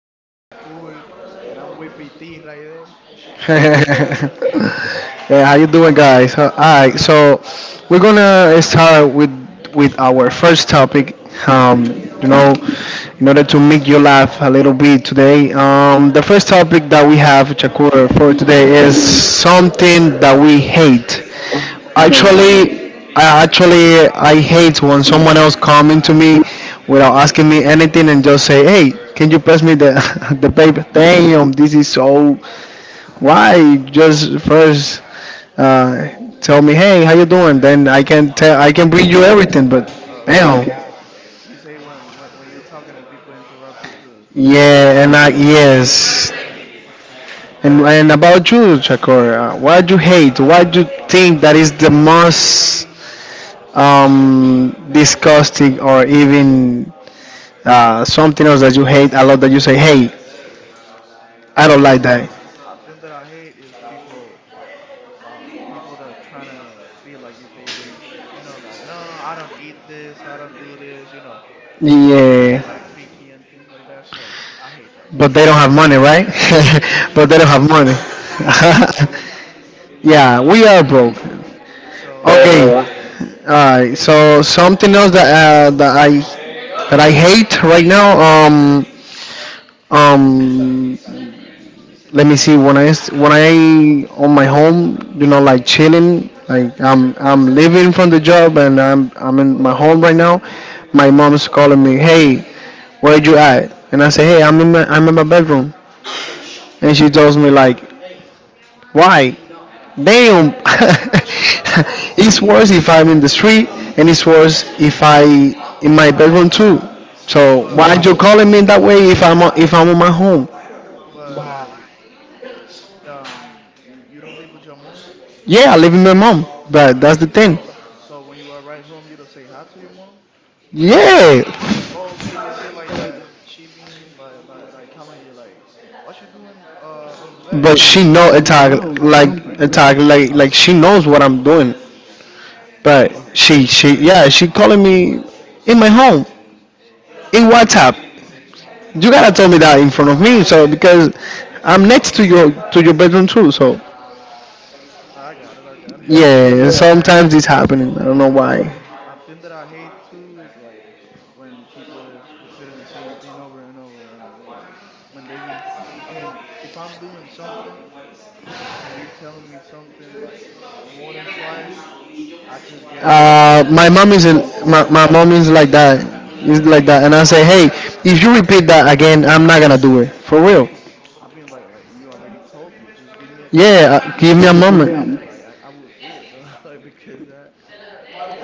Chakul and I'm with PT Raidel. So, yeah, how you doing, guys? All right, so we're gonna start with our first topic. Um, you know, in order to make you laugh a little bit today, the first topic that we have, Chakur, for today is something that we hate. all things that we hear. I actually I hate when someone else coming to me without asking me anything and just say, "Hey, can you pass me the the paper?" Damn, this is so why just first uh, tell me, hey, how you doing? Then I can bring you everything. But Uh, damn, okay. You say when you're talking and people interrupt you to say yeah, something and I like, yes, gotcha. and about you, Chakor, what do you hate? What do you think that is the most disgusting, or even something else that you hate a lot that you say, hey, I don't like Well, that. a thing that I hate is people that are trying to be like if they rich, you know, like no, I don't eat this, I don't do this, you know, they just trying to Yeah, be like picky and things like that. So I hate that, you but know, they I don't hate have when money, people do right? that. But they don't have money. they broke like me, Yeah, we are broke. so I Okay. Hate that. Alright. So something else that I that I hate right now. Um. Let me see. When I on my home, you know, like chilling. Like I'm leaving from the job and I'm in my home right now. My mom's calling me. Hey, where you at? And I say, hey, I'm in my bedroom. And she tells me like, why? Damn. It's worse if I'm in the street, and it's worse if I in my bedroom too. So why But you calling me that way if if I'm on my home? but like um, you don't live with your mom, Yeah, I live with my mom, but that's the thing. so when you arrive home, you don't say hi to your mom. Yeah, Oh, Okay, you say like that. She being like like telling you like, what you doing on the bed? but she Like just know go attack out or do like something, right? attack like she knows what I'm doing. But Oh, I got she you. she yeah she calling me in my home in WhatsApp. You gotta tell me that in front of me, so because I'm next to your bedroom too. So I got it. I got it. yeah, well, sometimes it's happening. I don't know why. well, I think that I hate too is like when people is repeating the same thing over and over. I mean, like when they be, I mean, if I'm doing something and you telling me something like more than twice, I just get like pissed My off mom is because not it's my, like. my mom is like that. Is like that, and I say, hey, if you repeat that again, I'm not gonna do it for real. I've been like you already told me. Just give me a, Yeah, Give give me, me a give me a moment. minute. Like I would do it though. Like because that,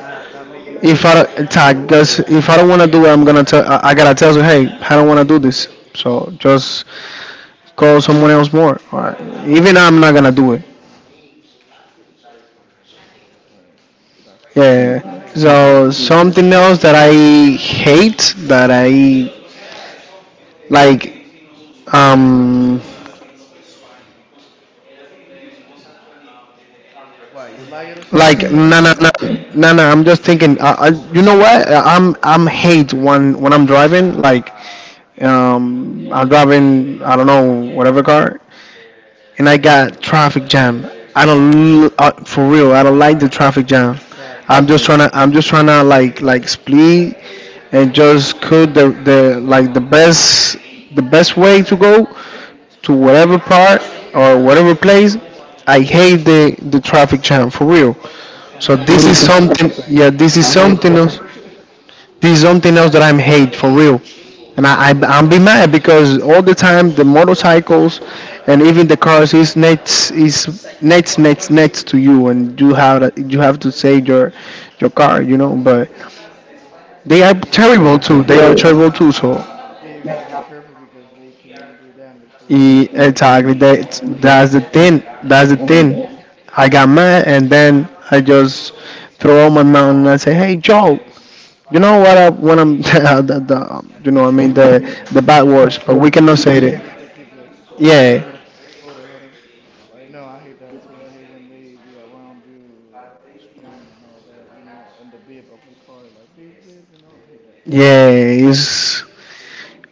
that, that made me If feel I desperate tag, already. cause if I don't wanna do it, I'm gonna tell. I gotta tell you, hey, I don't wanna do this. So just call someone else more. Or even I'm not gonna do it. And that's crazy though. I Yeah. hate that for So real. something else that I hate that I like um Why you like it or Like something? no no no no. I'm just thinking. You know what? I'm hate when I'm driving. Like I'm driving. I don't know whatever car, and I got traffic jam. I don't l- For real, I don't like the traffic jam. I'm traffic, just okay, trying to I'm just trying to like split and just cook the like the best way to go to whatever part or whatever place. I hate the traffic jam for real. Las So this is Americas something. traffic. Yeah, this I is hate Las something else, Americas. this is something else that I'm hate for real. And I'm be mad because all the time the motorcycles and even the cars is next is next to you and you have to save your car you know, but they are terrible yeah, too, they are terrible too, so yeah. You gotta be careful because they can do damage to the car or something exactly, like that that. that's the thing, I that's the hate that. thing. I got mad and then I just throw out my mouth and I say hey Joe, you know what? You know, I mean the bad Yeah, words, yeah. but we cannot Just say it. Keep it Yeah, up. Hold it, hold on. Like, no, I hate that too. I hate when they be around you, screaming and all that, you know, and the beep of the car, like beep, beep, you know. I hate that. yeah. It's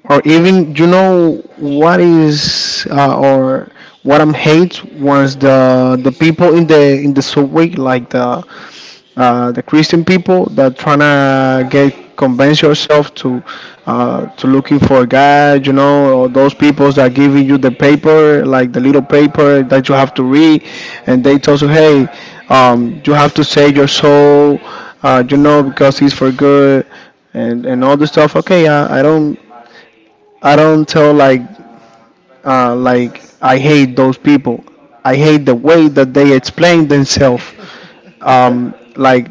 or even you know what is or what I'm hate was the people in the subway like the Christian people that trying to get convince yourself to looking for God, you know, or those people that giving you the paper, like the little paper that you have to read, and they tell you, hey, you have to save your soul, you know, because it's for good, and all the stuff. Okay, I don't, I don't tell like I hate those people. I hate the way that they explain themselves. Like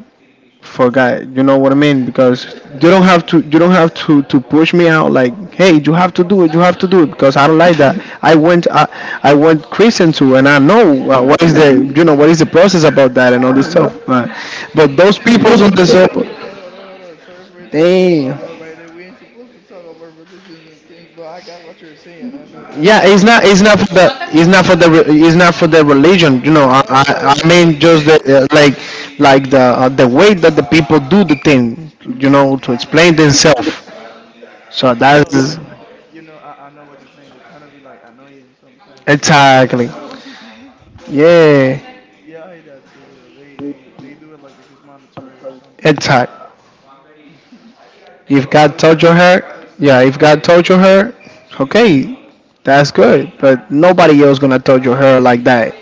for guy, you know what I mean? Because you don't have to you don't have to push me out like hey you have to do it, you have to do it, because I don't like that. I went Christian too and I know So, what is the you know what is the process about that and all I this stuff. know. But those Just people don't deserve. keep it. Hold hold on. Sorry for interrupting, my Damn. bro. Right there, we ain't supposed to talk about religions and things, but I got what you're saying. I know that you're Yeah, just it's not. talking It's not for about. the. It's not for the religion. You know, I I know. mean, just the like the way that the people do the thing. You know, to explain themselves. So I know, that's like, you know, I know what you're saying. They're trying to be like annoying sometimes, but exactly. I know what you're saying. Yeah, Yeah, I hate that too. They do it like if it's mandatory or something, but exactly. I don't. If well, God another torture th- her, yeah. If God torture her, okay, that's good. But nobody else gonna torture her like that.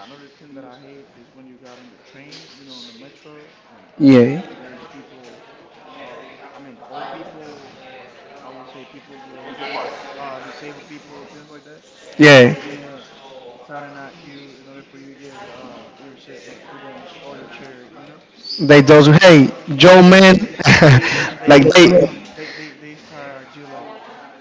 I- another thing that I hate is when you got on the train, you know, on the metro, and Yeah, there's people. I mean, old people, or I would say people with disabled people, things like that. yeah. They've been signing at you in order for you to give your to them or your charity, you know. They those, But hey Joe yeah, they man, they they they like do it. They Like they stare at you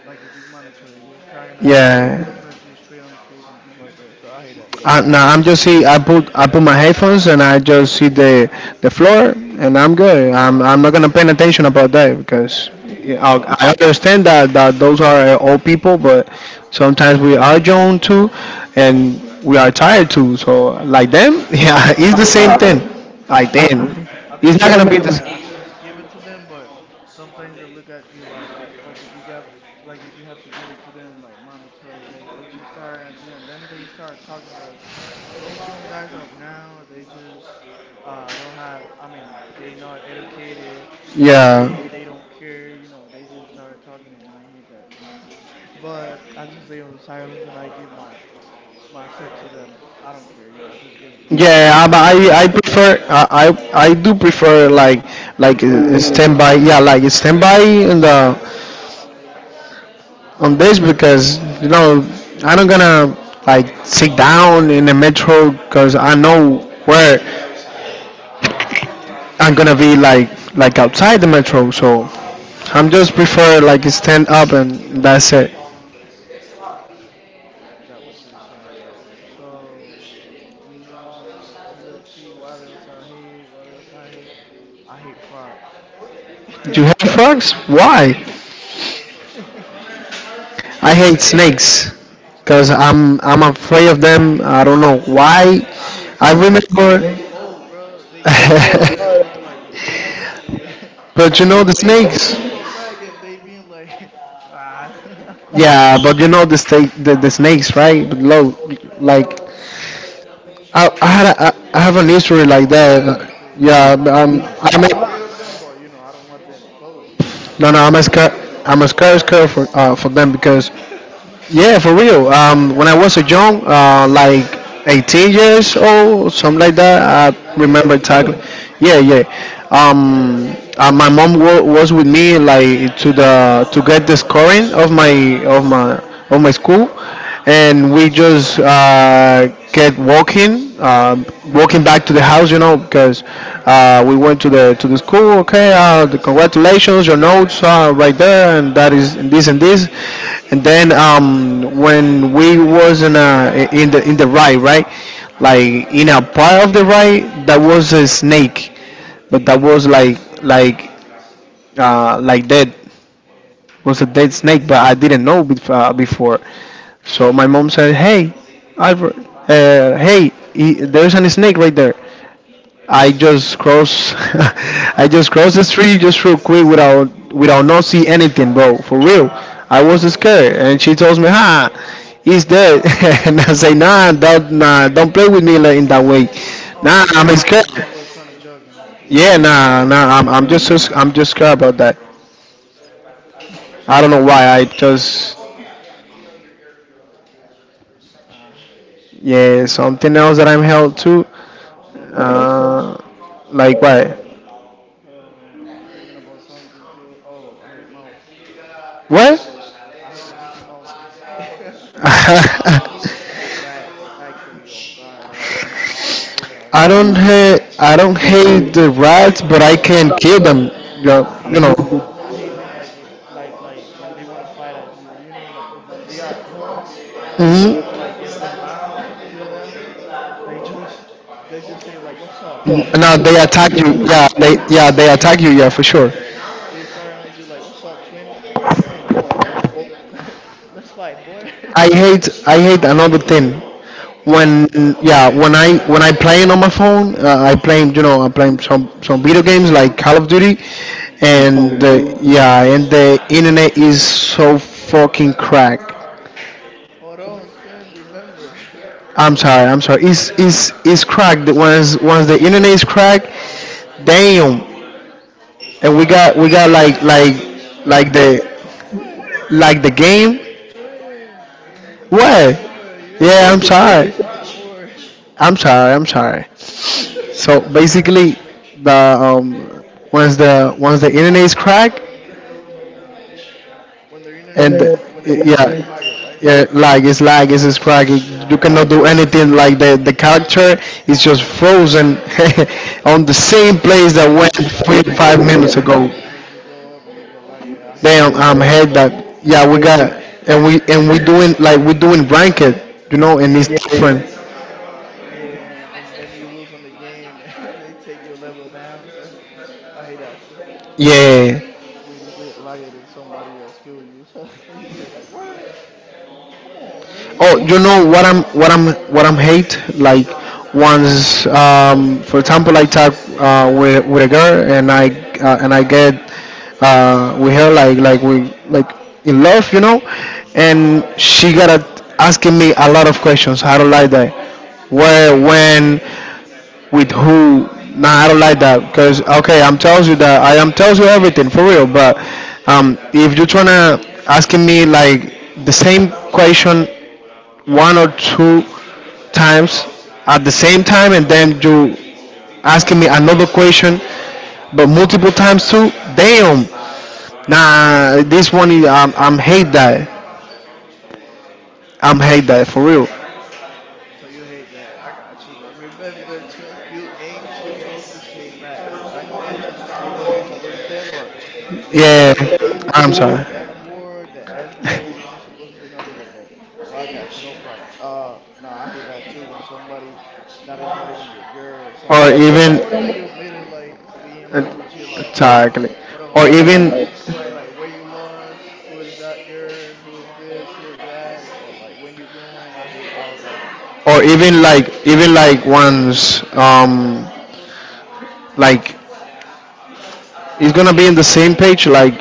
like if it's mandatory, they're staring at you, yeah. Looking at you straight on the face and things like that. So I hate that. Now I'm just see. I put my headphones and I just see the floor and I'm good. I'm not gonna pay no attention about that because Mhm. yeah, no, I I understand that those are old people, but sometimes we are young too, and we are tired too. So like them, yeah, no. it's the I, same thing. Like I them, I it's didn't not mean it gonna be like the. that. I just give it to them, but sometimes they look at you like if you got like if you have to give it to them like mandatory. They just start at you and then they start talking like those young guys of now. They just don't have. I mean they not educated. Yeah. They don't care. You know they just start talking and I hate that. But I just stay on silence and I give my set to them. I don't care. You know I just give it to them Yeah, and. I prefer, I I do prefer like Oh, you're right. standby, yeah, like standby in the on this because you know I'm not gonna like sit down in the metro because I know where I'm gonna be like outside the metro. So I'm just prefer like stand up and that's it. Got what you're saying right there. So, mm, let's see. What else I hate? What else I hate? I hate frogs. You hate frogs? Why? I hate snakes because I'm afraid of them. I don't know why. I hate I frogs. They remember, just cold, bro. They cold blooded, bro. Like if they if but they you know the get paid to you snakes. on your back and they being like, rah. Yeah, but you know the snakes, right? But low, like I had a, I have an history I'm like afraid of that. them too. Yeah, I mean, I'm not afraid I'm of them, but you know, I don't want them close because I don't no know. no I I'm don't a like scar that. I'm a scar scar for them because yeah for real. When I was a young, like 18 years old, something like that. When you I was remember younger. exactly. Yeah yeah. My mom wa was with me like to the to get the scoring of my of my school and we just get walking, walking back to the house, you know, because we went to the school. Okay, the congratulations, your notes are right there, and that is and this and this. And then when we was in a, in the ride, right, like in a part of the ride, that was a snake, but that was like like dead, was a dead snake, but I didn't know before. So my mom said, "Hey, Albert, hey, he, there's a snake right there." I just cross, I just crossed the street just real quick without not see anything, bro. For real, I was scared, and she tells me, "Ha, he's dead," and I say, nah, don't play with me like in that way. Oh, Nah, it I'm was that, scared. and she was trying to jog, and I just Yeah, right nah, got her. I'm just scared about that. I don't know why. I just." Ah, Yeah, something what? else that I'm held to. I don't know, like some, Uh, like like what? hold hold on. I'm thinking about something too. Oh, I hate mouse. What? I hate the Mickey Mouses. I hate rats. Actually, on God, on my mama, I swear I hate them. I When don't they hate the rats, but I no, can kill them. Yeah, I you hate know. them. I hate them like if like when they wanna fight at you. You know, like when they are home and you're trying to Hmm. like get them out or kill them. They just they just say like, "What's up? Now they What you attack mean?" you. Like, Yeah, they attack you. Yeah, for sure. they start at you like, "What's up, twin? What you want? Like, let's let's fight, boy." I hate another thing Why? when when I playing on my phone, I playing you know I playing some video games like Call of Duty, Some Call of and Duty the thing? yeah and the internet is so fucking crack. Hold on, twin. Remember, I'm sorry, No. it's it's cracked, once the internet is cracked, damn, and we got like twin, the twin, like the game Twin. what Remember, you ain't yeah. Supposed to say bad words. I'm sorry. So basically, the once the internet is cracked and When the internet is the lagging, lag right? yeah, is yeah, like it's like it's cracked. You I guess. cannot do anything. Like the character is just frozen on the same place that Yeah, when went you lag three it, five like I minutes don't know, ago. the internet just go up and you get lag it. I hate Damn, that I'm because head that. then Yeah, we they, got and they we doing like we doing blanket, you know, and it's yeah, yeah, different. yeah, and then you lose on the game and they take your level down. So I hate that too. Yeah. When you get lag it and somebody else kill you, so you say like, what? Come on, man. Oh, you know what I'm hate, like once for example, I talk with a girl, and I get with her, like we, like, in love, and she got asking me a lot of questions. I don't like that. Where, Mm. when, with who? Nah, I don't like that, because okay, I'm tells you that I am tells you everything for real, but if you're trying to asking me like the same question one or two times at the same time, and then you asking me another question, but multiple times too, damn. Nah, this one is, I'm hate that. I'm hate that for real. So you hate that. I got you, but remember, twin, you ain't supposed to say bad words. I know that just it was just a little thing, but do not Yeah, say the D I'm word, the sorry. F word, the S word. You're not supposed to say nothing like that. But I got you, no problems. No, I hate that too. When somebody that is not even your girl or Or something like somebody that even you're meeting, like being like with you, like Exactly. hold or even like where you was, who is that girl, who is this, who is that, like when you going. I hate all of that. or even like once like, it's gonna be in the same page. Like,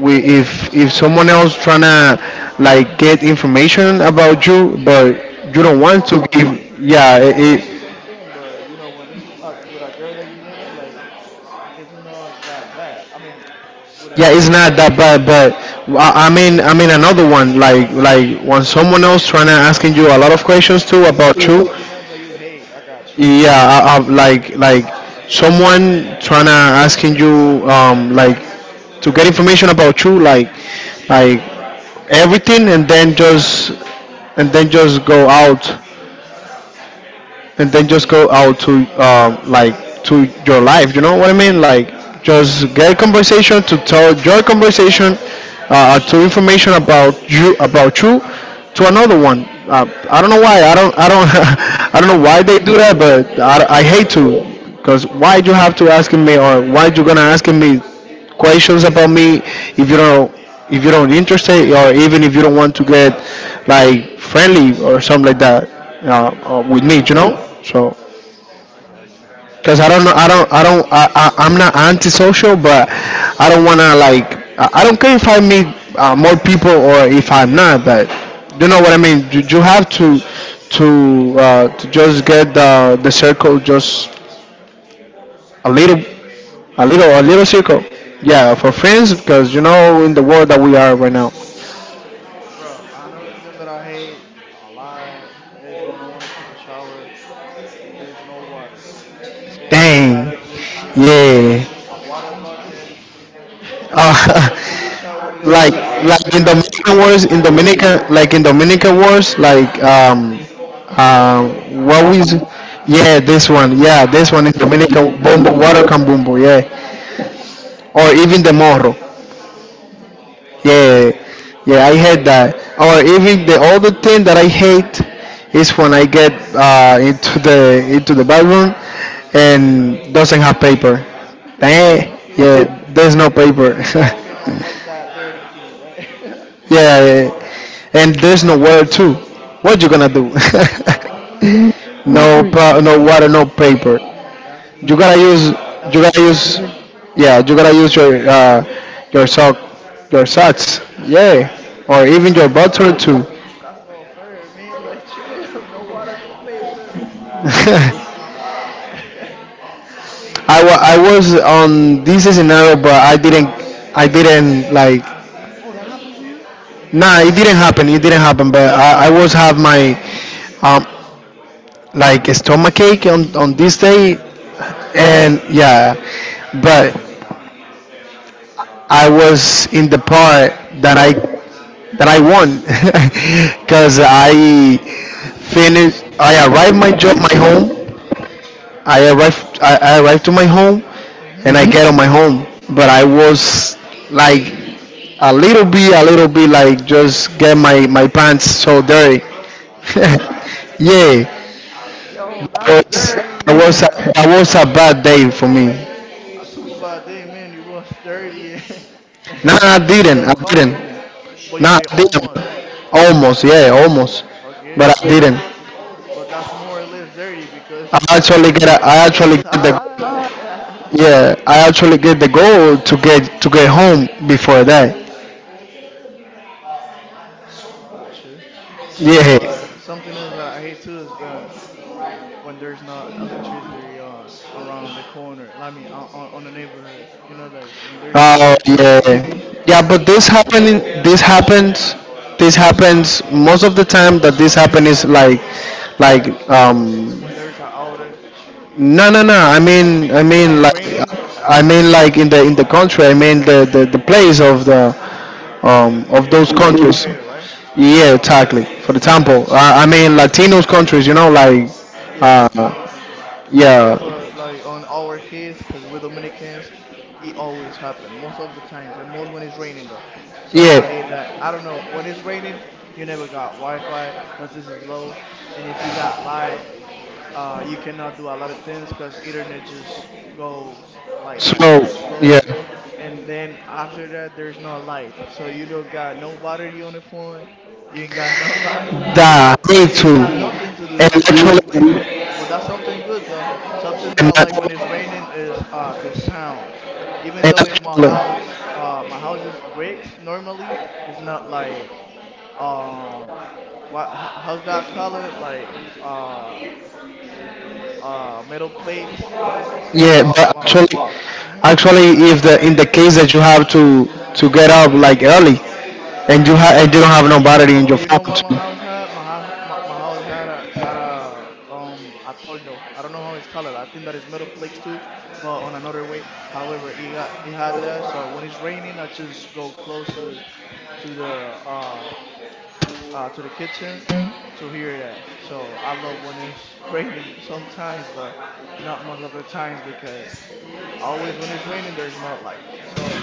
we, if someone else trying to, like, get information about you, but you don't it's want to almost give. Yeah, it's it, almost it. on the same thing, but you know when it's with a girl that you're meeting, like it's not that bad. I mean, with a Yeah, it's girl, not that bad, but I mean another one, like when someone else trying to asking you a lot of questions too or you about say you. something else that you hate, I got you. Yeah, like someone trying to asking you, like, to get information about you, like, everything, and then just go out and then just go out to, like, to your life. You know what I mean? Like, just get a conversation to tell your conversation to information about you to another one. I don't know why. I don't. I don't. I don't know why they do that, but I hate to. Cause why you have to asking me, or why you gonna asking me questions about me, if you don't if you don't interested, or even if you don't want to get like friendly or something like that, with me, No, so. I got you. Because I don't know I Something, don't I don't I, I'm not antisocial, but I don't want to, I don't care if I meet more people or if I'm not, but you know what I mean. You have to just get the circle just a little. A little, a little circle. Yeah, for friends, because you know, in the world that we are right now. bro. Another thing that I hate a lot is when I want to take a shower and there's no water. Then I Dang. gotta look for Yeah. a water bucket Uh, for taking the shower with it. Like, I like hate in that. Dominican wars, Oh in God, Dominican, like in Dominican wars, like uh, a what was, cambumbo, yeah, this one water in cambumbo. Dominican, bumbo, water can, yeah. Or even the morro. Yeah, I yeah, I hate hate that. that. Or even the other thing that I hate is when I get into the bathroom and doesn't have paper. There's Eh, no paper. yeah, there's no paper. You Yeah, cannot wipe that dirty thing, right? yeah, and there's no water too. What you gonna do? No water, no paper. No, Call no water, no paper. ah, that's You gotta like, use, that's you gotta unfair, use, though. yeah, you gotta use your your sock, your socks. Yeah, or even your butter too. Bruh, that's not fair, man. Like, chill. No water, no paper. Damn. God. I was on this scenario, but I didn't, like. Oh, that happens to you? Nah, it didn't happen, it didn't happen. But Oh, I was have my, um, like, stomach ache on this day, your stomach? and yeah, but I was in the part that I that I won because I finished. I arrived my job, my home. I arrived. I arrived to my home, Mm-hmm. and I get on my home. But I was, like, a little bit, a little bit, like, just get my pants so dirty. Yeah, Yo, that's that dirty. was a, that was a bad day for me. I super by day, man, you was dirty and, and Nah, yeah, I that's didn't. I didn't. uncomfortable. Good. But you Nah, say I didn't. almost. Almost, yeah, almost. Okay. But I didn't. But that's more or less dirty because I actually get the, inside. yeah, I actually get the goal to get home before that. Gotcha. Well, Yeah. but something else that I hate too is that when there's not electricity on around the corner, I mean, on the neighborhood. You know, like when there's not Oh yeah. electricity. Yeah, but Oh, God. This happens most of the time that this happen is like, like um When there's an outage. no, no, no, I mean, I When mean it's like raining I mean like, in the country, I mean the place of the on of the those place that you countries. located, right? Yeah, exactly. For example, I mean Latinos countries, like, Yeah, uh, Latino countries. Yeah, yeah, but like on our case, because we're Dominicans, it always happens most of the times, and most when it's raining though. So I yeah. hate that. I don't know, when it's raining, you never got Wi-Fi because this is low, and if you got light, you cannot do a lot of things because internet just goes So like slow, yeah, and then after that there's no light so you don't got no battery on the phone, you ain't got no light, that need you ain't to, got Mhm. nothing to do, and you just gotta sleep. actually, But that's something good though, something that I and, like when it's that- raining is the sound. Even and though if my actually, house my house is bricks normally, it's not like um how's that color like uh metal plates, my yeah, call but my mm-hmm. actually, if the in the case that you have to get up like early, and you don't have nobody Oh, in your but you know what my phone. house had? My house, my house got a a toldo. I don't know how it's called. I think that is metal plates too, but on another way. However, it had that. So when it's raining, I just go closer to the uh, to the kitchen to hear that. So I love when it's raining sometimes, but not most of the times because always when it's raining, there's not light. So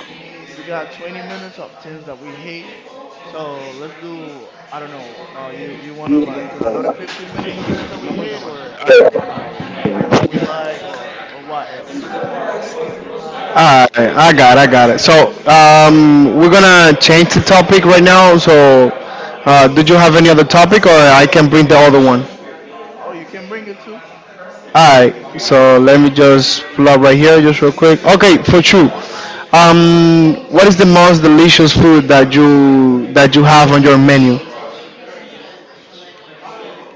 we got 20 minutes of things that we hate. So let's do. I don't know. You wanna like another 15 minutes of things that we hate, or I don't know, like things that we like, or what else? Huh? All right, I got it. So we're gonna change the topic right now. So, did you have any other topic, or I can bring the other one? Oh, you can bring it too. All right. So let me just pull up right here, just real quick. Okay, for sure. What is the most delicious food that you have on your menu?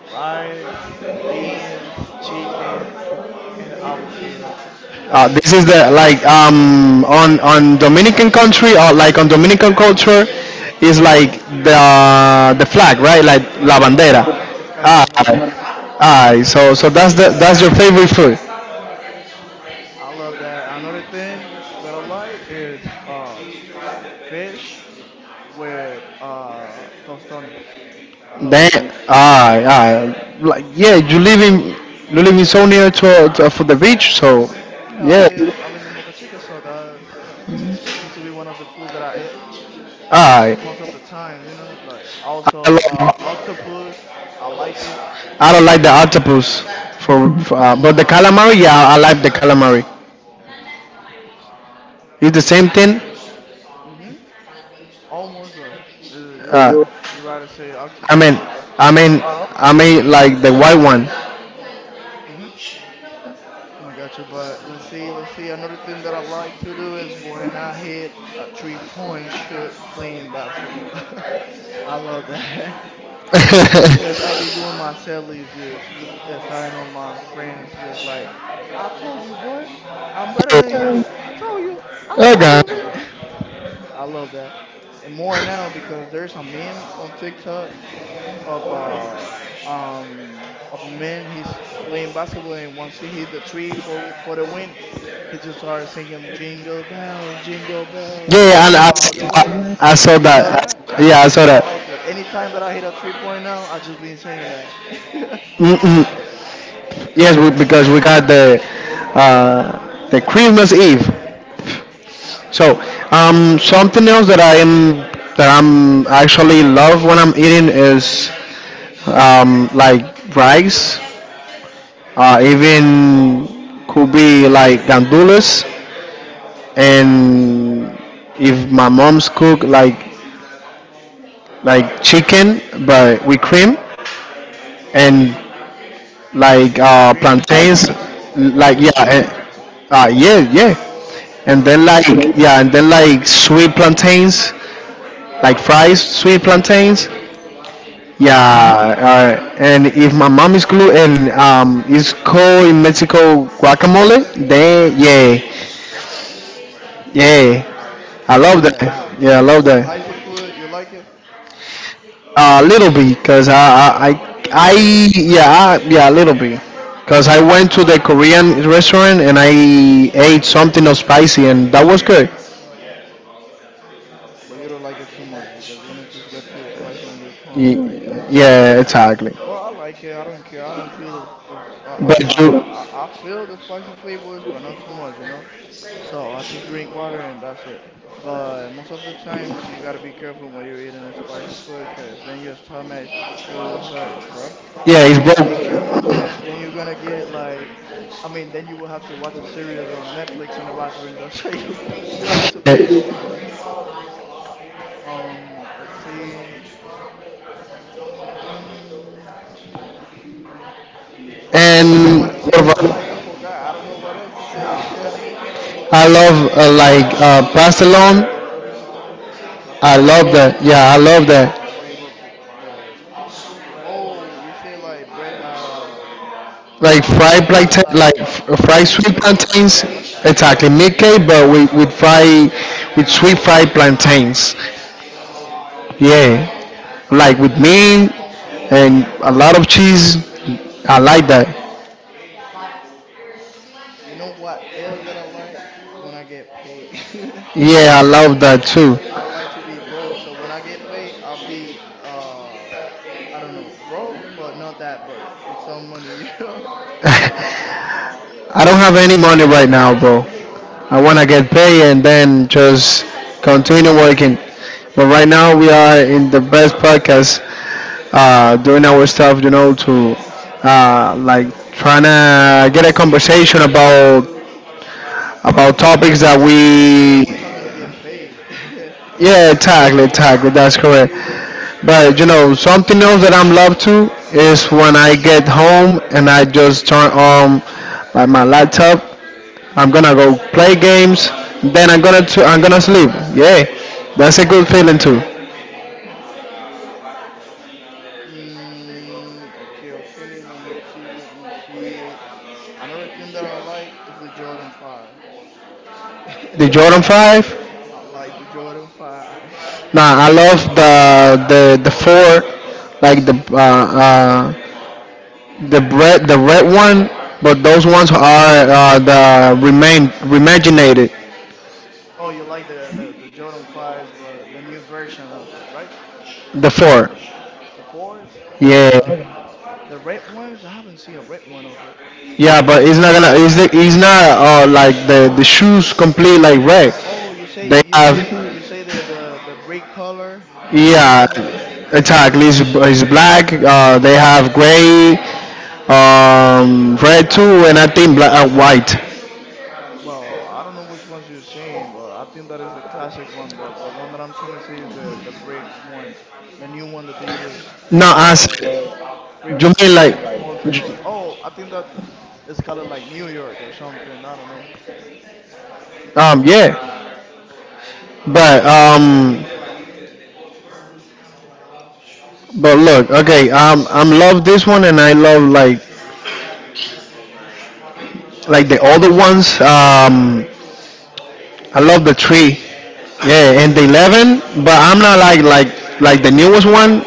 Rice, beans, chicken, and avocado. The This is the, on Dominican country, or like on Dominican culture, is like the flag, right? Like la bandera. flag. It's kind of la Ah, bandera flag. ah. So that's the that's your favorite food. I love that. Another thing that I like is fish with tostones. I love it. Then ah, ah, like, yeah, you live in so near to, for the beach, so Yeah, yeah. I live in Boca Chica, so that's expected to be one of the foods that I eat Ah, most of the times. You know, like also I love octopus. I like it. I don't like the octopus for, but the calamari. Yeah, I like the calamari. It's the same thing. Mhm. Almost, but you Uh, you right to say I octopus. Mean, I mean, huh. I mean, like the white one. Mhm. I got you, but let's see, let's see. Another thing that I like to do is when I hit a three-point shot playing basketball. I love that. Cause I'll be doing my set just look at starting on my friends, just like, I told you, boy, I'm better than Yeah. you. I told you, I told you, Okay. man. I love that, and more now because there's a meme on TikTok of uh of a man he's playing basketball, and once he hit the three for the win, he just starts singing jingle bells, jingle bells, Yeah, and jingle all the way. I saw You that. saw that? Yeah, I saw I that. like it. Anytime that I hit a 3.0, I just been saying that. Mm-mm. Yes, because we got the, the Christmas Eve. So, something else that I'm actually love when I'm eating is, like, rice. Even could be like gandules, and if my mom's cook like, chicken, but with cream and, like, Cream, plantains, cream like, and yeah, chicken. Yeah, yeah, and then, Oh, like, yeah, and then, like, sweet plantains, like, fries, sweet plantains. Yeah, hmm, and if my mom is glue, and it's called in Mexico guacamole, then yeah, yeah, you I love love that. that. Yeah, I love that. Spicy food, you like it Little B, cause a little I bit, yeah, yeah, Little B, cause I went to the Korean restaurant, and I ate something of spicy, and that was good. but you don't like it too much because then it just got too spicy on your tongue, right? I Y- got it. Yeah, exactly. Well, I like it. I don't care. I don't feel this. I mean, But I feel the spicy flavors, but not too much, you know. So I just drink water and that's it. But most of the times you gotta be careful when you're eating spicy food, cause then your stomach could hurt, bro. yeah, So it's you gotta be careful broke. with it. Then you're gonna get like, I mean, then you will have to watch a series on Netflix on the bathroom door. So you have to be careful Eh, on it. Let's see. Mm, okay, what else And I can what say that I like? about- I forgot. I don't know what else to say. I love like, pastelon. I love Barcelona. that. Yeah, I love that. Oh, you love the. Oh, you say like bread. Like fried Like plantain, like, the fried meat sweet cake, plantains. right? Exactly, meat cake, but with fried, with sweet fried plantains. Oh, Yeah, like, with me and a lot of cheese. I like that. you know what else that I like when I get paid? Yeah, I love that too. I don't like to be broke, so when I get paid, I'll be I don't know, broke, but not that broke, with some money, you know. I don't have any money right now, bro. I wanna get paid and then just continue working. But right now we are in the best podcast, doing our stuff, to like, trying to get a conversation about topics that Right now we're we. talking to get paid. Yeah, exactly, exactly. That's correct. But you know, something else that I'm love to is when I get home, and I just turn on, like, my laptop. I'm gonna go play games. Then I'm gonna sleep. Yeah, that's a good feeling too. Mm, okay, okay. Let me see. Let me see. Another thing that I like is the Jordan Five. The Jordan 5. I like the Jordan Five. Nah, I love the four, like the red one. But those ones are, the remain remaginated. Oh, you like the Jordan 5s, but the new version of it, right? The four. The 4s? Okay, I got it. Yeah. The red ones? I haven't seen a red one of it. Yeah, but it's not gonna. It's not like the shoes complete like red. Oh, They have, you say the brick color, the new yeah, one that they. exactly. It's black. They have gray, red too, and I think black and white. Well, I don't know which ones you're saying, but I think that is the classic one, but the one that I'm trying to say is the brick one, the new one that they just No, took as off you previously, mean like, like months j- ago. Oh, I think that it's called like New York or something. I don't know. Yeah. But um, but look. Okay, I'm love this one, and I love, like the other ones. I love the tree. Yeah, and the 11, but I'm not like, like the newest one,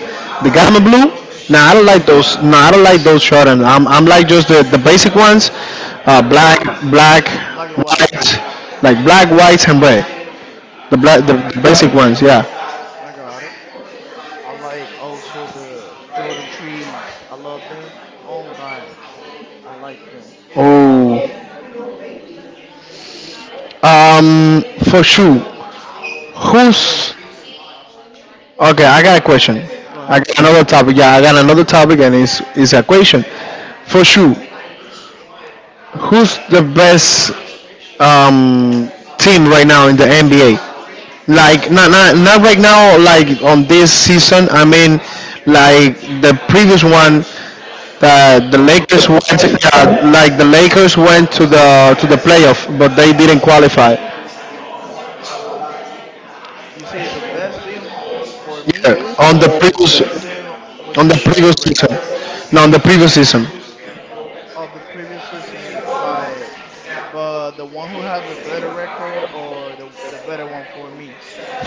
the Gamma Blue. Nah, I don't Hmm. like those. No, nah, I don't like those Jordan. I'm like just the basic ones. Black, The black, black and white. white, like black, white, and red. The black, the Okay, basic ones. Yeah. I got it. I like also the Jordan trees. I love them. On God, I like them, all of Oh, them. um, for sure. I mean, Who's okay? I got a question. go I ahead. got another topic. Yeah, I got another topic, and it's a question. For sure, who's the best, um, team right now in the NBA? Like, not right now. Like, on this season, I mean, like the previous one, that the Of the Lakers previous went. season, Yeah, like the Lakers went to the playoff, but they didn't qualify. you say the best team for me, Yeah, on the or the previous, best team with on the the previous better season. record No, on the previous season, of the previous season, like, but the one who had the better record or the better one for me.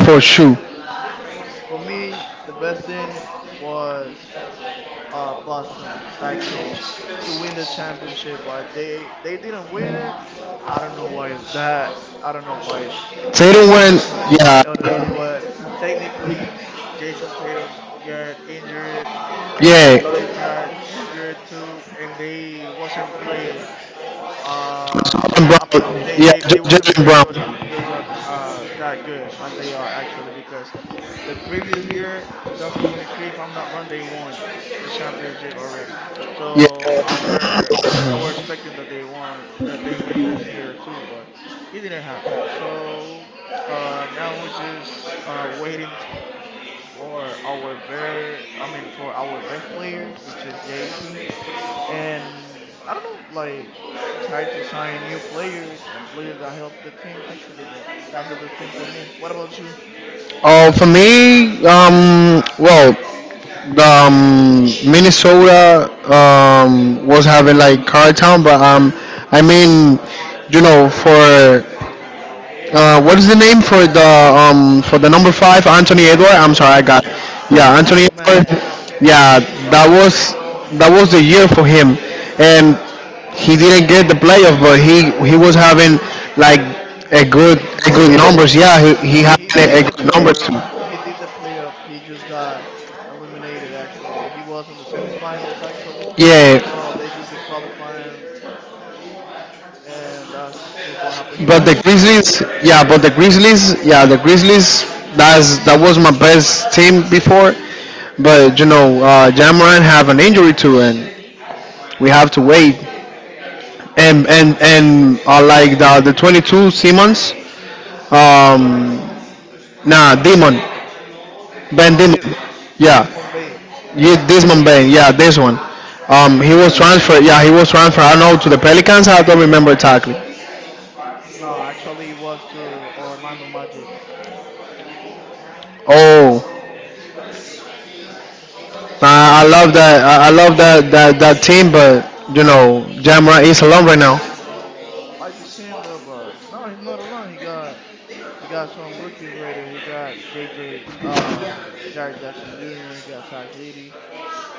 for sure. For me, the best team was Boston actually to win the championship, but they didn't win it. I don't know why is that. I don't know why. Tatum I went. don't know. Oh, why, Yeah, yeah, honestly. But technically, Jason Tatum got injured. Another player yeah. got injured too, and they wasn't playing Jaylen same. I mean, Brown, yeah, they wasn't Jaylen playing Brown. good at that good as they are actually, because the previous year, 2023, if I'm not wrong, they won the championship already. Yeah. So our I were expecting that they win this year too, but it didn't happen. So now we're just waiting for our bear, I mean for our best player, which is JT, and I don't know, like try to sign new players and players that help the team actually. But that's the best team for me. What about you? Oh, for me, well, the, um, Minnesota, was Mm, having like Car Town, but I mean, you know, for what is the name for the, number 5, Anthony Edward? I'm sorry, I Anthony got it. Edwards. Yeah, Anthony Ant Edward. Man, Yeah, that was that was the year for him, and he didn't get the playoff, but he was having like a an good amazing a year. good numbers. Yeah, he No, had he a did the good numbers. player. He did the playoff. He just got eliminated. Actually, he was in the semifinals. Actually, Yeah, so they just did qualifying, and that's just what happened. He but won to the KD. Grizzlies, yeah, but the Grizzlies, yeah, the Grizzlies. That was my best team before, but Jamoran have an injury too, and we have to wait. And like the 22 Simmons, um, nah, Demon, Ben Oh, Demon, this, yeah, this Mumbai. yeah, this one Ben, yeah, this one. He was Mm. transferred, yeah, he was transferred. I don't know, to the Pelicans. I don't remember exactly. No, actually, it was to Orlando Magic's. Oh, I love that. I love that team, but you know, Jamra is alone right now. I like the team though, but no, he's not alone. He got some rookies right there. He got J J. Jared Jackson Jr. He got Sajidi.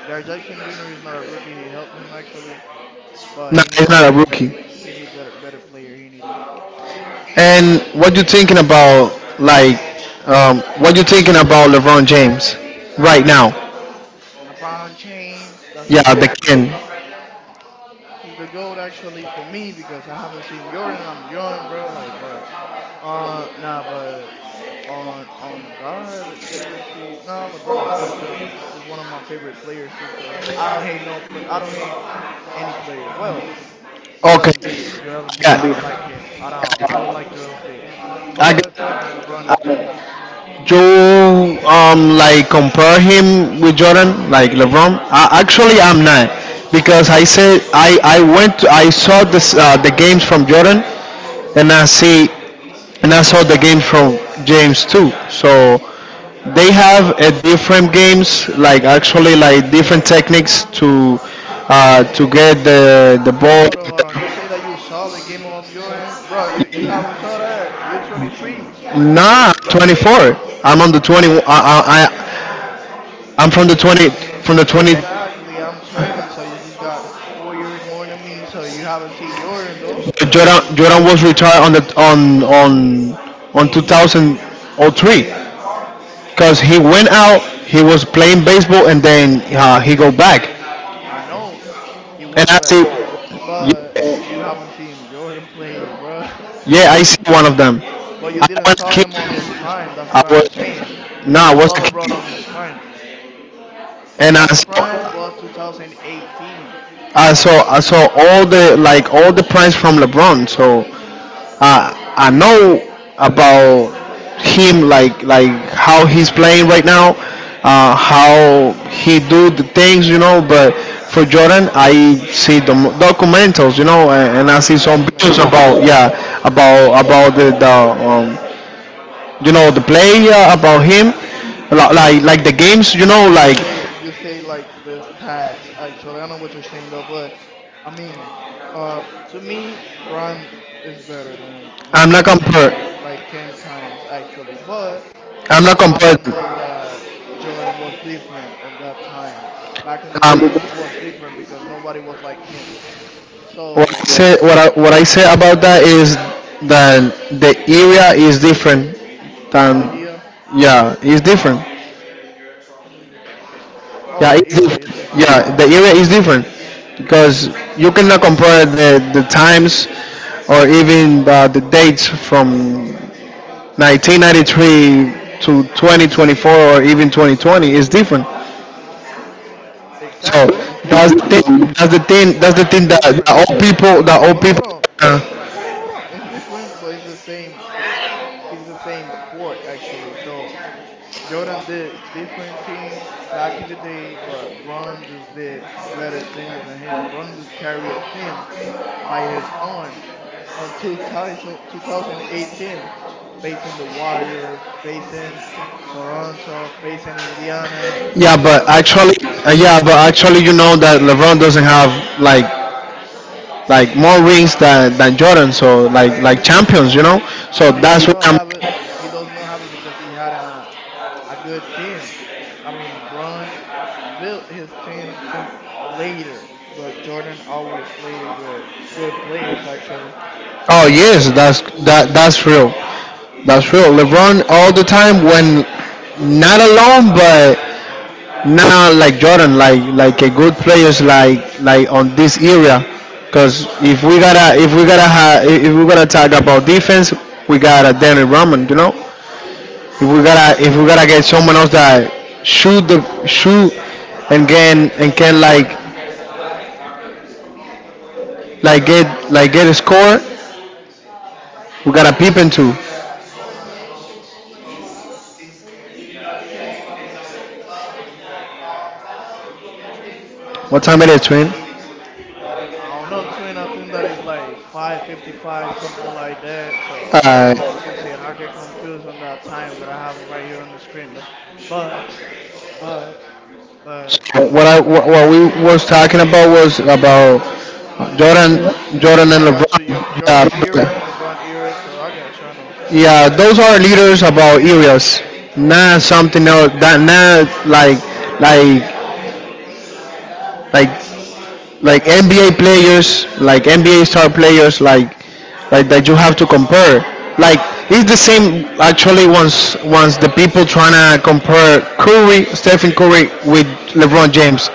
Jared Jackson Jr. is not a rookie. He helped him actually, but No, he he's need not a better players. rookie. He need better player. He needed And what you thinking about? What you thinking about LeBron James right now? LeBron James. That's the Yeah, the goat. king. He's the goat actually for me because I haven't seen Jordan. I'm young, bro. Like, but nah, but on God, let's see, let's see. Nah, LeBron is good though. He's one of my favorite players too, cause I don't hate no play. I don't hate any player. Well, Joel Okay, Embiid, I Joel Embiid. I don't like got. him at all. I don't like Joel Embiid, I but got. LeBron is good though. Do like compare him with Jordan, like LeBron? Actually, I'm not, because I said I went. I saw this the games from Jordan, and I see and I saw the games from James too. So they have a different games, like actually like different techniques to get the Hold on, ball. hold on, hold on. You say that you saw the game of Jordan, bro. You haven't saw that. You 23, or Nah, nah, 24. I'm on the 20. I'm from the 20 from the 20. exactly. I'm 20, so you just got 4 years more than me. So you haven't seen Jordan though. Jordan was retired on the on 2003, because he went out. He was playing baseball, and then he go back. I know he And went I back, see you heard? But you haven't seen Jordan play, bro. Yeah, I You see one of them. But you I didn't was a saw kid. him on his prime, that's I what I'm saying. was No, You I was saw. a Oh, LeBron kid, on his prime. and LeBron's prime was 2018. I saw all the all the prize from LeBron. So I know about him, like how he's playing right now, how he do the things, you know. But for Jordan, I see the documentals, you know, and I see some videos Documents. about, yeah, about the um, you know, the play, about him like the games, you know, like, You say like the stats actually. I know what you're saying though, but I mean, uh, to me, Bron is better than i'm not Jordan, compared like ten times actually. But I'm not what compared. happened was that Jordan was different on that time. Back in the days, he um was different because nobody was like him. what I So, say, what I say about that is that the area is different the than, idea, yeah it's different mm, oh, yeah the it's era, you said. different yeah, the area is different, because you cannot compare the times, or even the dates from 1993 to 2024, or even 2020, is different. So Exactly, it's that's the different, but thing. That's the thing. That's the it's thing that, that different. all people. That all Hold on, people. hold on, Uh, hold on, hold on. It's different, but it's the same. It's the same sport actually. So Jordan did different things back in the day, but Bron just did better things than him. Bron just carried a team by his own on 2000, 2018, facing the Warriors, facing Toronto, facing Indiana. yeah, but So actually, you know that LeBron doesn't have like like more rings than Jordan. So like champions, you know. So he does that's what not I'm. have it. He does not have it because he had an, a good team. I mean, Bron built his team later, but Jordan always played with good players, actually. Oh yes, that's real. That's real. LeBron all the time when not alone, but now like Jordan, like a good players like on this area, because if we gotta talk about defense, we got to Danny Roman, you know. If we gotta get someone else that shoot, and can get get a score, we gotta peep into. What time it is, twin? I don't know, twin. I think that is like 555, something like that. So I don't Uh, know. I can see it. I get confused on the time that I have right here on the screen, though. But, but, but, so what what we was talking about was about hmm. Jordan Jordan and I LeBron. got you. Yo- Jordan era and Yeah, LeBron era. So I got you. I know. Yeah, those are leaders about areas, not something else. That not like like like NBA players, like NBA star players, like that you have to compare. Like it's the same actually. Once the people trying to compare Curry, Stephen Curry with LeBron James,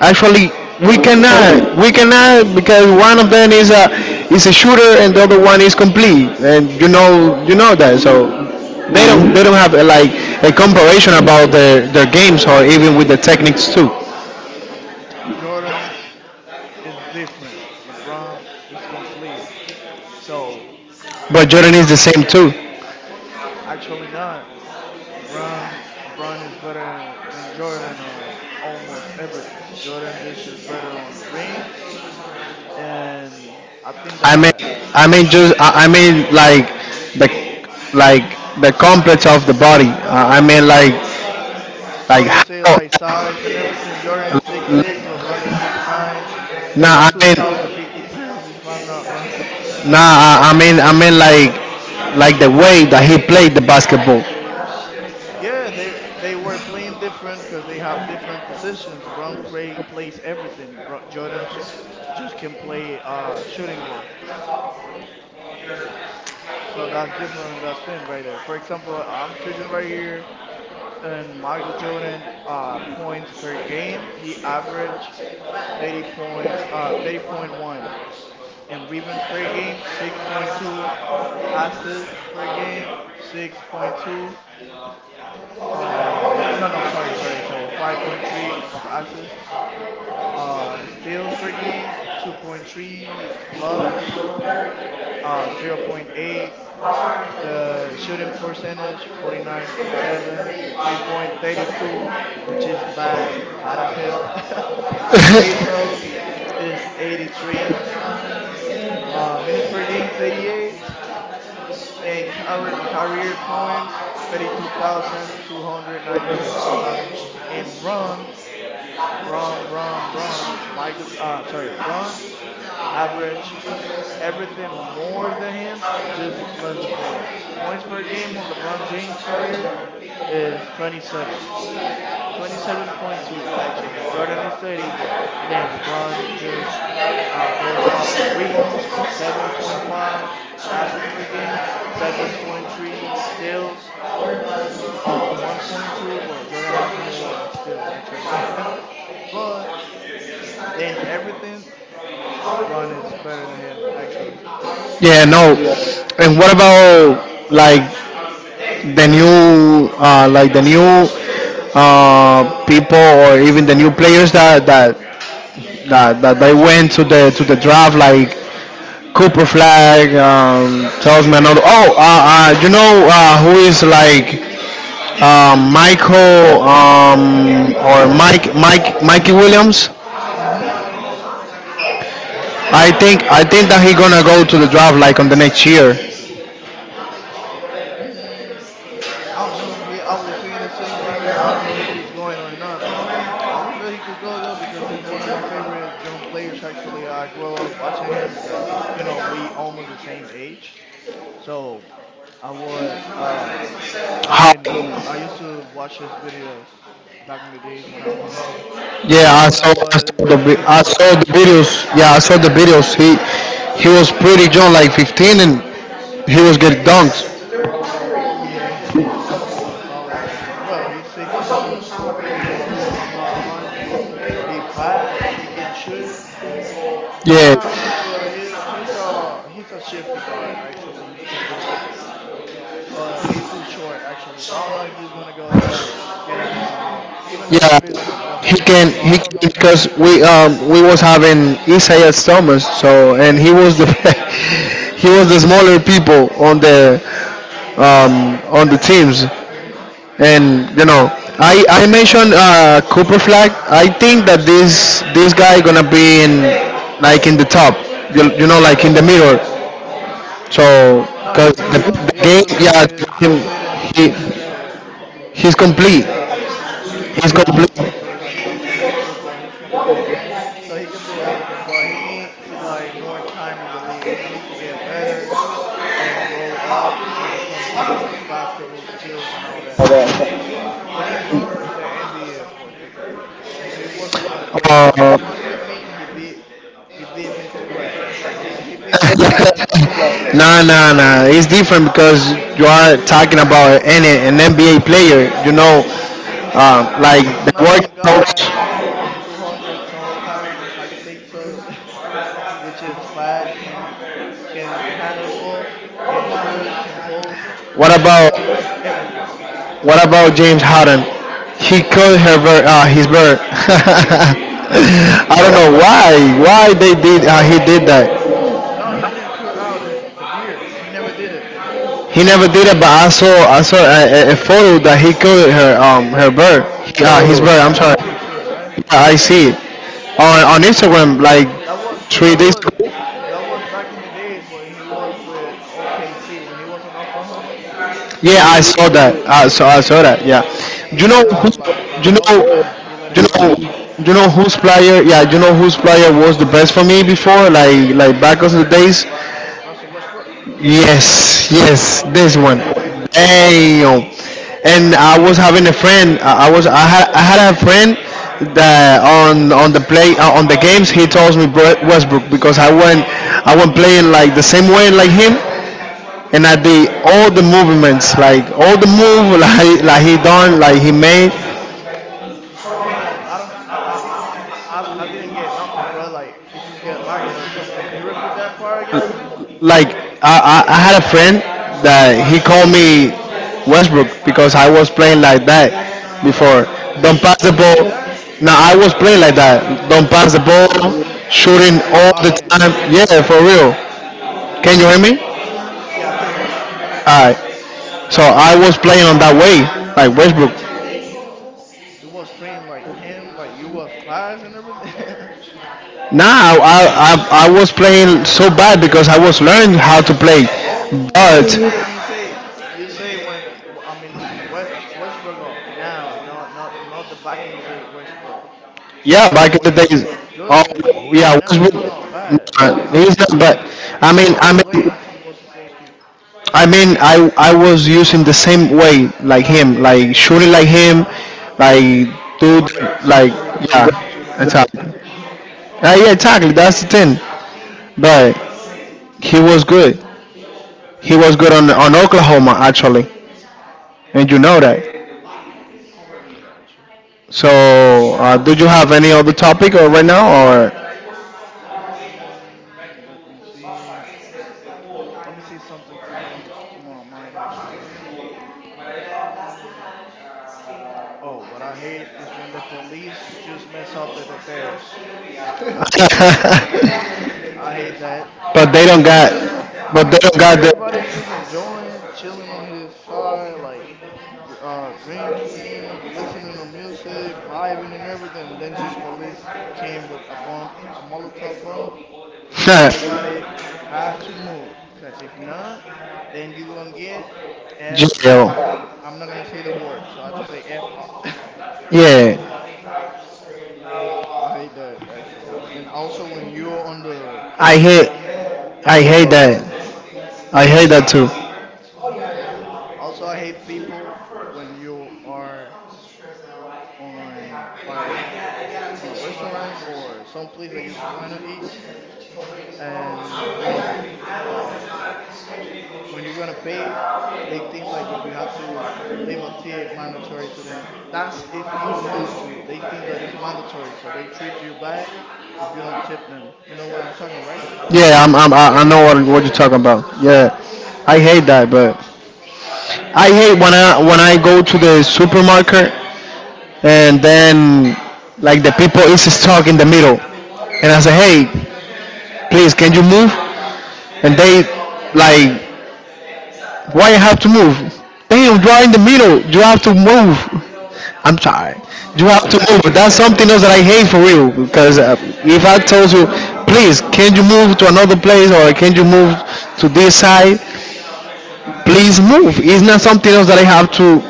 actually LeBron change. We cannot, because one of them is a shooter, and the other one is complete, and you know that, so. Hmm. They don't. They don't have a, like a comparison about their games, or even with the techniques too. Jordan is different. LeBron is complete. So But Jordan I is the mean, same too. actually not. Bron Bron is better than Jordan on almost everything. Jordan just is better on the rings, and I think I mean, that I mean, the like the complex of the body. I mean, oh, like you how? say like size and everything. Jordan is six six, LeBron is 6'9", with Nah, yeah, two I think thousand fifty pounds if I'm not wrong. I mean, like the way that he played the basketball. Yeah, they were playing different because they have different positions. Plays everything. Bro, Jordan just can play shooting guard. So that's different on that thing right there. For example, I'm sitting right here, and Michael Jordan points per game, he averaged 30.1. And rebounds per game, 6.2. Assists per game, 6.2. Let me, no, no, sorry, sorry, sorry. 5.3 of assists. Steals per game, 2.3. Blocks, zero point 0.8. The shooting percentage 49.7, the 3.32, which is bad, bad as hell. Free throws is 83. Minutes per game 38, and career points 32,292. And Bron, Michael, sorry, Bron's average everything more than him, just less the points. Points per game on LeBron James' career is 27. 27.2 actually. Jordan is 30, but then Bron just goes up on rebounds with 7.5 assists per game, 7.3 steals, 1.2. Well, Jordan has more steals actually, but then everything Bron is better than him actually. To Yeah, be no. honest. And what about like the new people, or even the new players that they went to the draft, like Cooper Flag, tells me another. Oh, you know, who is like, Michael, or Mikey Williams? Mhm. Of course. I think that he gonna go to the draft like on the next year. Mm, I don't know. He always saying the same thing, so I don't know if he's going or not. But I wish that he could go though, because he's one of my favorite young players. Actually, I grew up watching him because you know we almost the same age. So I was, uh, I How? mean, I used to watch his videos back in the days when I was Yeah, when I was sick I of the saw the basketball. videos. Yeah, I saw the videos. He was pretty young, like 15, and he was getting dunked. Yeah, because he was taller actually. Well, he's 6'1" or 6'2" if I'm not wrong. So he fast. He can shoot. Not Yeah, that much, but he's a shifty guard actually. He can do everything. But he's too short actually. So I don't know if he's gonna go get in the NBA. Even though if Yeah, he's good though. he can. So He I don't can, know. because we was having Isaiah Thomas. So and he was the he was the smaller people on the teams. Mhm. And you know, I mentioned Cooper Flag. I think that this guy gonna be in like in the top. You know, like in the middle. Mhm. So No, because he's good though. the He's game, good though. yeah, He, him, he's leading. he He's leading the he's He's complete. leading Dallas. He's He's leading Dallas complete. actually right now. So he's good though. He's complete. So he can do everything, but he needs like more time on the league. He needs to get better and grow up when it comes to the basketball skills and all that. So when he comes to the NBA, of course, because if he wasn't about to play a one by Uh, one with me, he beat me too bad actually. He beat me bad as fuck. Nah, nah, nah. It's different, because you are talking about an NBA player. You know, A like six the nine workouts. guy of 200 some pounds, I think so, which is fat, can handle ball, can shoot, can post, What can about dunk, everything. what about James Harden? He cut her bird, his bird. I don't know why. Why they did? He did that. No, he didn't cut out the beard. He never did it. He never did it, but I saw a photo that he killed her, her bird. Oh, His Oh, you bird. I'm saw a sorry. picture, right? I see it on Instagram like That was three that days was ago. that was back in the days when he was with OKC. When he was in Oklahoma, he Yeah, I used saw to that. I saw that. Yeah. he Do you used know to have who? a like Do like you know? lower, but he let Do it you grow. know? Do you Huh? know whose player? Yeah, do you know whose player was the best for me before? Like back of the days. Russell Westbrook. Yes, yes, this That was one. my favorite one. Damn. And I was having a friend. I was. I had. I had a friend, that on the play, on the games, he tells me Westbrook, because I went. I went playing like the same way like him, and I did all the movements, like all the move, like he done, like he made. Hold on, hold on. I don't. I didn't get nothing, bro. Like it just get lagged or something. Can you repeat that part again, please? Like I had a friend that he called me Westbrook, because I was playing like that before. Like, you Don't pass was the playing like ball. that? Now I was playing like that. Don't pass the Nah, ball, you you shooting you all the bugging. time. Yeah, for real. Can you hear me? Yeah, I can't hear you. Alright. So I was playing on that way, like Westbrook. You was playing like him, like you was fast and everything. Now I was playing so bad, because I was learning how to play, Oh, but you say when I mean Westbrook off now, not the back in the day Westbrook. I yeah, back mean, in the Westbrook days. was Oh good. Right yeah, now, he's Westbrook, not bad. He, I he's mean, not, but he's I just mean I not playing mean as he was supposed to. I was using the same way like him, like shooting like him, like do Oh, the- breaks, like shooting yeah, breaks, and shooting bad as exactly, hell. Yeah exactly that's the thing, but he was good, on Oklahoma actually, and you know that. Got you. So, do you have any other topic or right now or? Let me see. Let me see if something comes to my mind actually. Mm-mm-mm. Oh, what I hate is when the police just mess up the details. I hate that. but they don't Wait, got, just, I but they mean, don't got the, everybody's just enjoying, chilling on his side, like, drinking, listening to music, vibing and everything. Then just police came with a bump, a Molotov bump, and everybody have to move. Cause if not, then you gonna get f jail. up. I'm not gonna say the word, so I just say f up. Yeah, I hate that actually. And also when you're on the, I hate, I hate uh, that. I hate that too. Also, I hate people when you are on like on a restaurant or some place that you're going to eat, and uh, when you're gonna pay, they think like if you had to leave a tip mandatory to them. That's if you want to. They think that it's mandatory, so they treat you bad if you don't tip them. You know what I'm talking, right? Yeah, I know what you're talking about. Yeah, I hate that, but I hate when I go to the supermarket, and then like the people is stuck in the middle, and I say, "Hey, please, can you move?" And they like, "Why you have to move?" Damn, you are in the middle. You have to move. I'm sorry. You have to move. That's something else that I hate for you. Because if I told you, "Please, can you move to another place, or can you move to this side? Please move." It's not something else that I have to.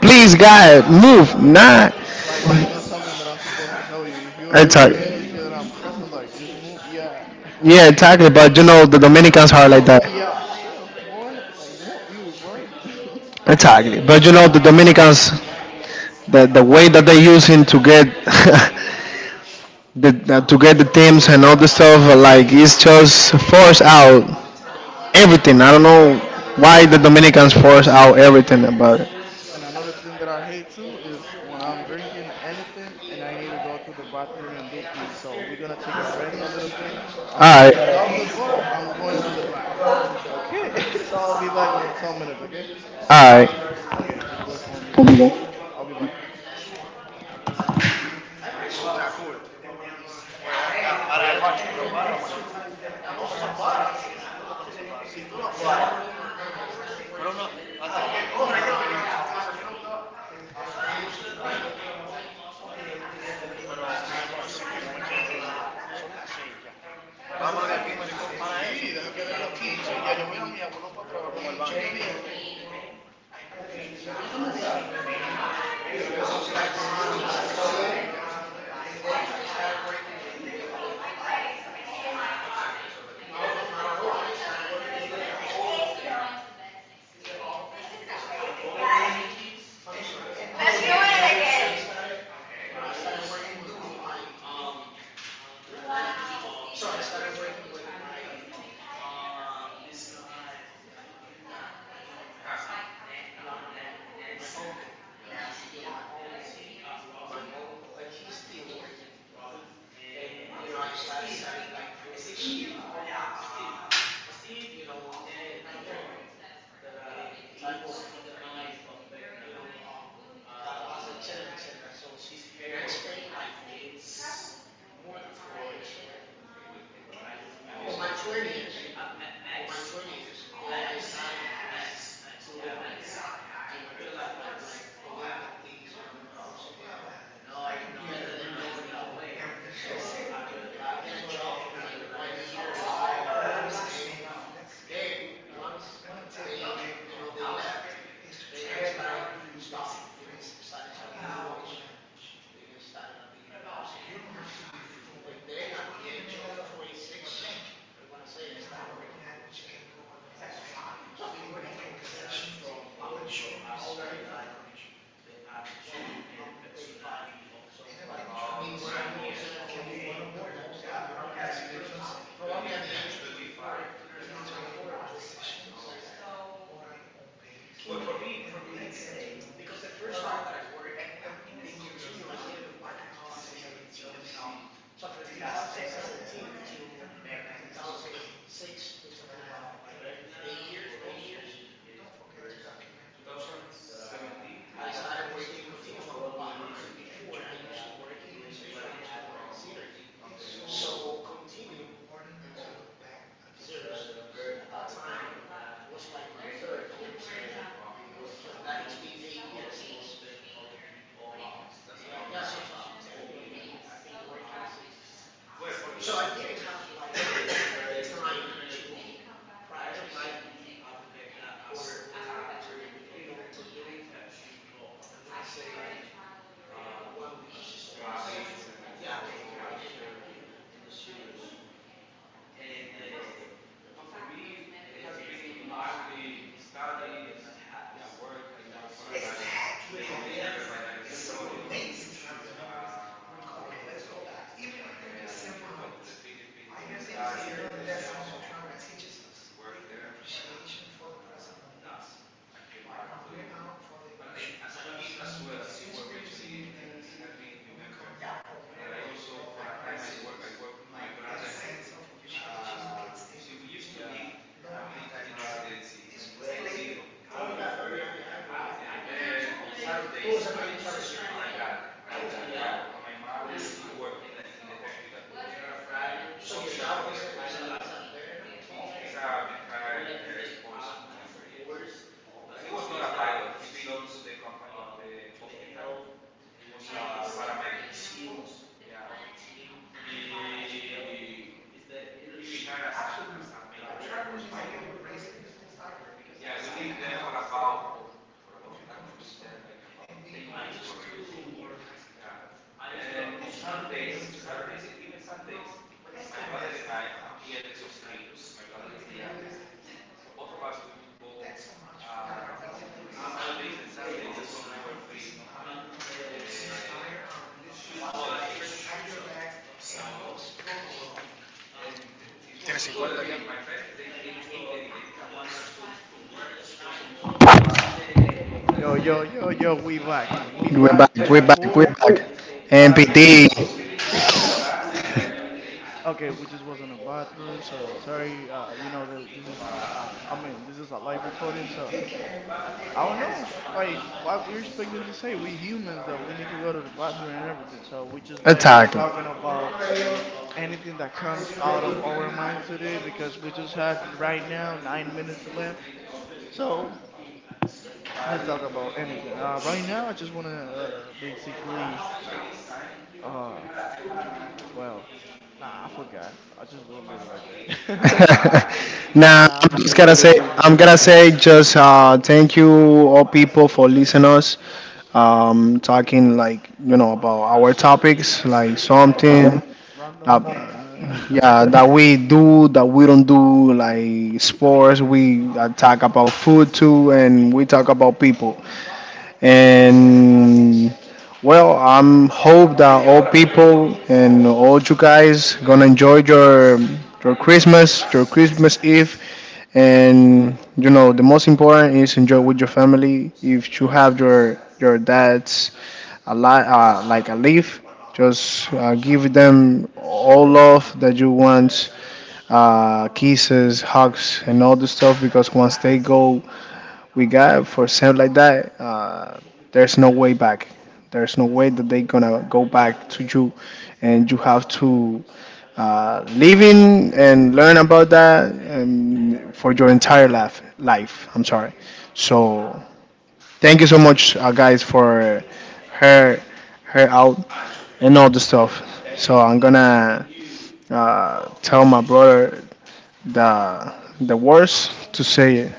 Please, God, move. Nah. Like it's not something that I'm supposed to tell you. If you're in the middle Exactly. and you see that I'm cursing, like just move, yeah. Yeah, exactly. But you know, the Dominicans are Just like move that. yourself, boy. Like move you, bro. Exactly. But you know, the Dominicans, the way that they using to get, to get the teams and all the stuff. Like it's just force out everything. I don't know why the Dominicans force out everything about it. And another thing that I hate too is when I'm drinking anything and I need to go to the bathroom and do pee. So we're gonna take a rest a little bit. I'm not All gonna stop right, it, but I'm going to the bathroom. Okay, so I'll be back in some minutes. Okay. all right, Okay, just wait for me though. I'll be back. Yo, yo, yo, yo. We back. We we're back, back. we're back, we're Chakul back. and MPD PT. Okay, we just was in a bathroom, so sorry. You know that this is I mean, this is a live recording, so I don't know. Like, what we're expecting to say, we humans though, we need to go to the bathroom and everything. So we just back attacking. talking about anything that comes out of our minds today because we just have right now 9 minutes left. So let's talk about anything. Right now, I just wanna basically uh, well, nah, I forgot. I just will leave it like that. Nah, Now nah, I'm kidding. I'm kidding. I'm I'm gonna kidding. say, just thank you all people for listening us. Talking, like you know, about our topics, like About something. random, random Uh, things. yeah, that we do that we don't do like sports, we talk about food too, and we talk about people, and well, I'm hope that all people and all you guys gonna enjoy your Christmas Eve, and you know the most important is enjoy with your family. If you have your dad's a lot, like a leaf, just give them all love that you want, kisses, hugs, and all the stuff, because once they go we got for sale like that, there's no way back. There's no way that they're gonna go back to you, and you have to live in and learn about that for your entire life. Life, I'm sorry. So thank you so much, guys, for her her out and all the stuff. So I'm gonna tell my brother the the words to say it.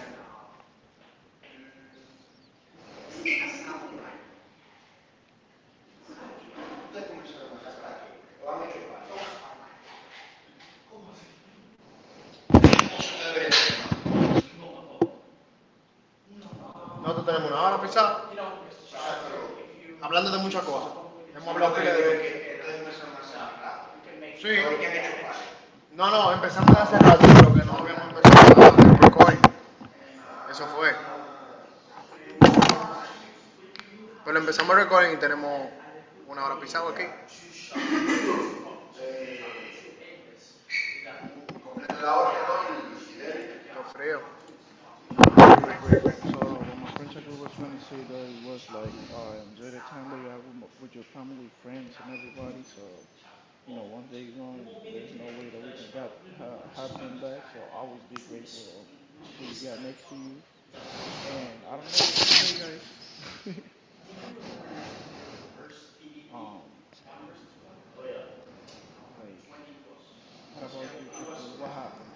Great, great, great, great. So, what my friend Chakri was trying to say though, it was like, enjoy the time that you have with your family, friends, and everybody. So, once they gone, there's no way that we can got ha have them back. So, always be grateful of who you got next to you. And I don't know, just pray, guys. Um, like, what about you, Chakul? What happened?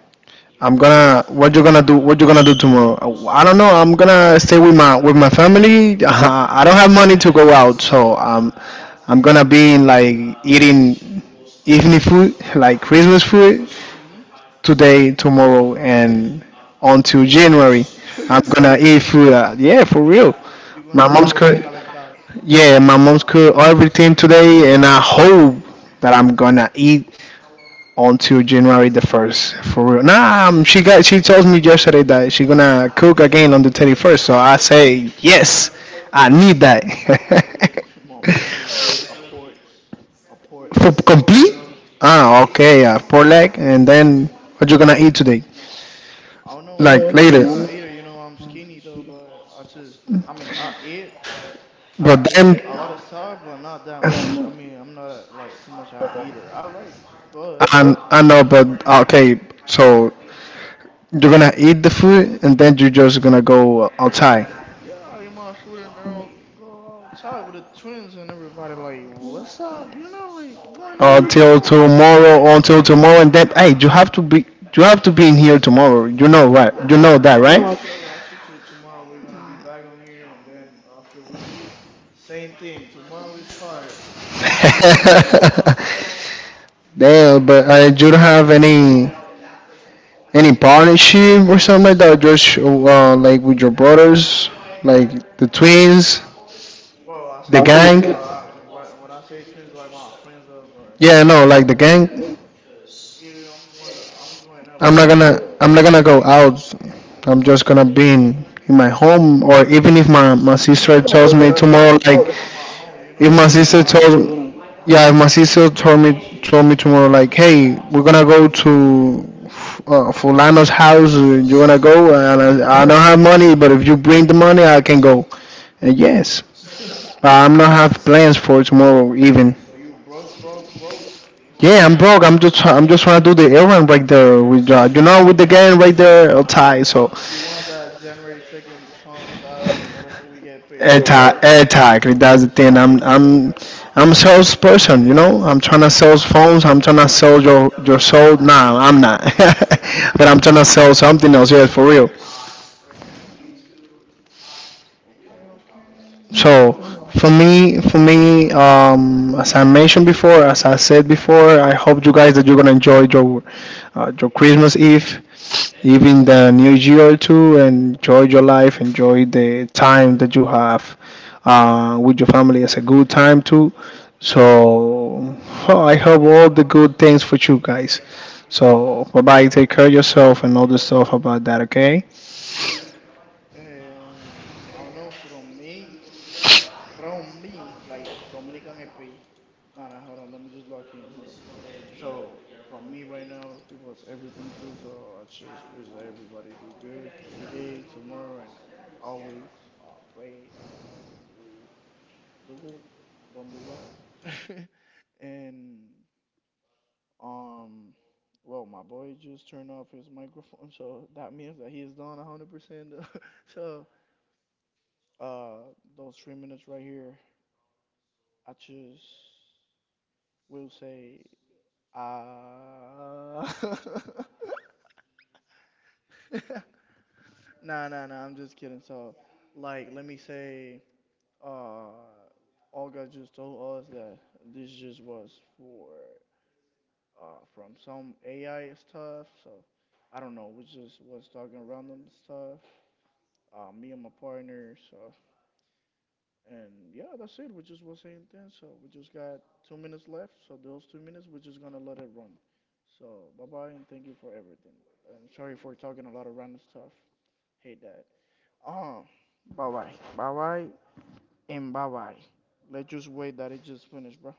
I'm What off? gonna. What you gonna do? What you gonna do tomorrow? I don't know. I'm gonna stay So. With my family. I don't have money to go out, so I'm gonna be in, like, eating evening food, like Christmas food today, tomorrow, and until January. I'm Mm-hmm. gonna eat food. Yeah, for real. You're My gonna be mom's eating the cook. calentado. Yeah, my mom's cook everything today, and I hope that I'm gonna eat until January the first, for real. Nah, she told me yesterday that she gonna cook again on the 31st. So I say yes, I need that, My mom just did a pork for leg. You complete. know, Ah, okay, pork leg, and then what you gonna eat today? I don't know Like everything. I'm not later, a eater. I'm skinny though, but I mean, I but eat then a lot of stuff, but not that much. I mean, I'm not a, like too much a eater. But I know, but okay, so you're gonna eat the food, and then you're just gonna go outside. yeah, I eat my food and then I'll go outside with the twins and everybody. Like, what's up? Like going around. Until tomorrow, and then hey, you have to be in here tomorrow, you know, right? Yeah. You know No, that, I right? got you. I got you. To tomorrow we're gonna be back on here, and then after we leave, same thing. Tomorrow is harder. Yes. Damn, but you don't have any partnership or something like that, just like with your brothers, like the twins, Well, I the say twins, but gang. When I say twins, like my friends are, but Yeah, no, like the yeah, gang. yeah, I'm going. I'm going up with the. I'm not gonna go out. I'm just gonna be in my home, or even if my Yeah, sister well, when tells I me say tomorrow out, like, it's around my home, if my because I sister live on a. told yeah if my sister told me tomorrow like, "Hey, we're gonna go to Fulano's house, you wanna go?" And I don't have money, but if you bring the money I can go. And yes, Huh? I'm not have plans for tomorrow even. So you broke, broke, broke. Yeah, I'm broke. I'm just trying to do the errand right there with, you know, with the gang right there outside, so You want that January 2nd comes out in order for we get paid, right? anti anti like, that's the thing. I'm a sales person, you know, I'm trying to sell phones, I'm trying to sell your soul, nah I'm not, but I'm trying to sell something else, yes, for real. Okay, okay. So So, for me, as I mentioned before, as I said before, I hope you guys that you're gonna enjoy your Christmas Eve, even the New Year too, enjoy your life, enjoy the time that you have, with your family. It's a good time too. So, I hope all the good things for you guys. So bye bye. Take care of yourself and all the stuff about that. Okay. I don't know from me, like Dominican EP. No, no, hold on. Let me just lock in. Hold on. So, from me right now, it was everything too. So, I just wish that everybody do good today, tomorrow, and always. Uh, Pray. I don't know. Do good. Don't do bad. And um, well, my boy just turned off his microphone, so that means that he is done 100%. So Uh, those 3 minutes right here, I just will say, ah. uh, nah, nah, nah. I'm just kidding. So, like, let me say, uh, Olga just told us that this just was for from some AI stuff. So, I don't know. We just was talking random stuff. Me and my partner. So And yeah, that's it. We just was saying things. So we just got 2 minutes left. So those 2 minutes, we're just gonna let it run. So bye bye and thank you for everything. And sorry for talking a lot of random stuff. Hate that. Um, Bye bye, bye bye, and bye bye. Let's just wait that it just finished, bro.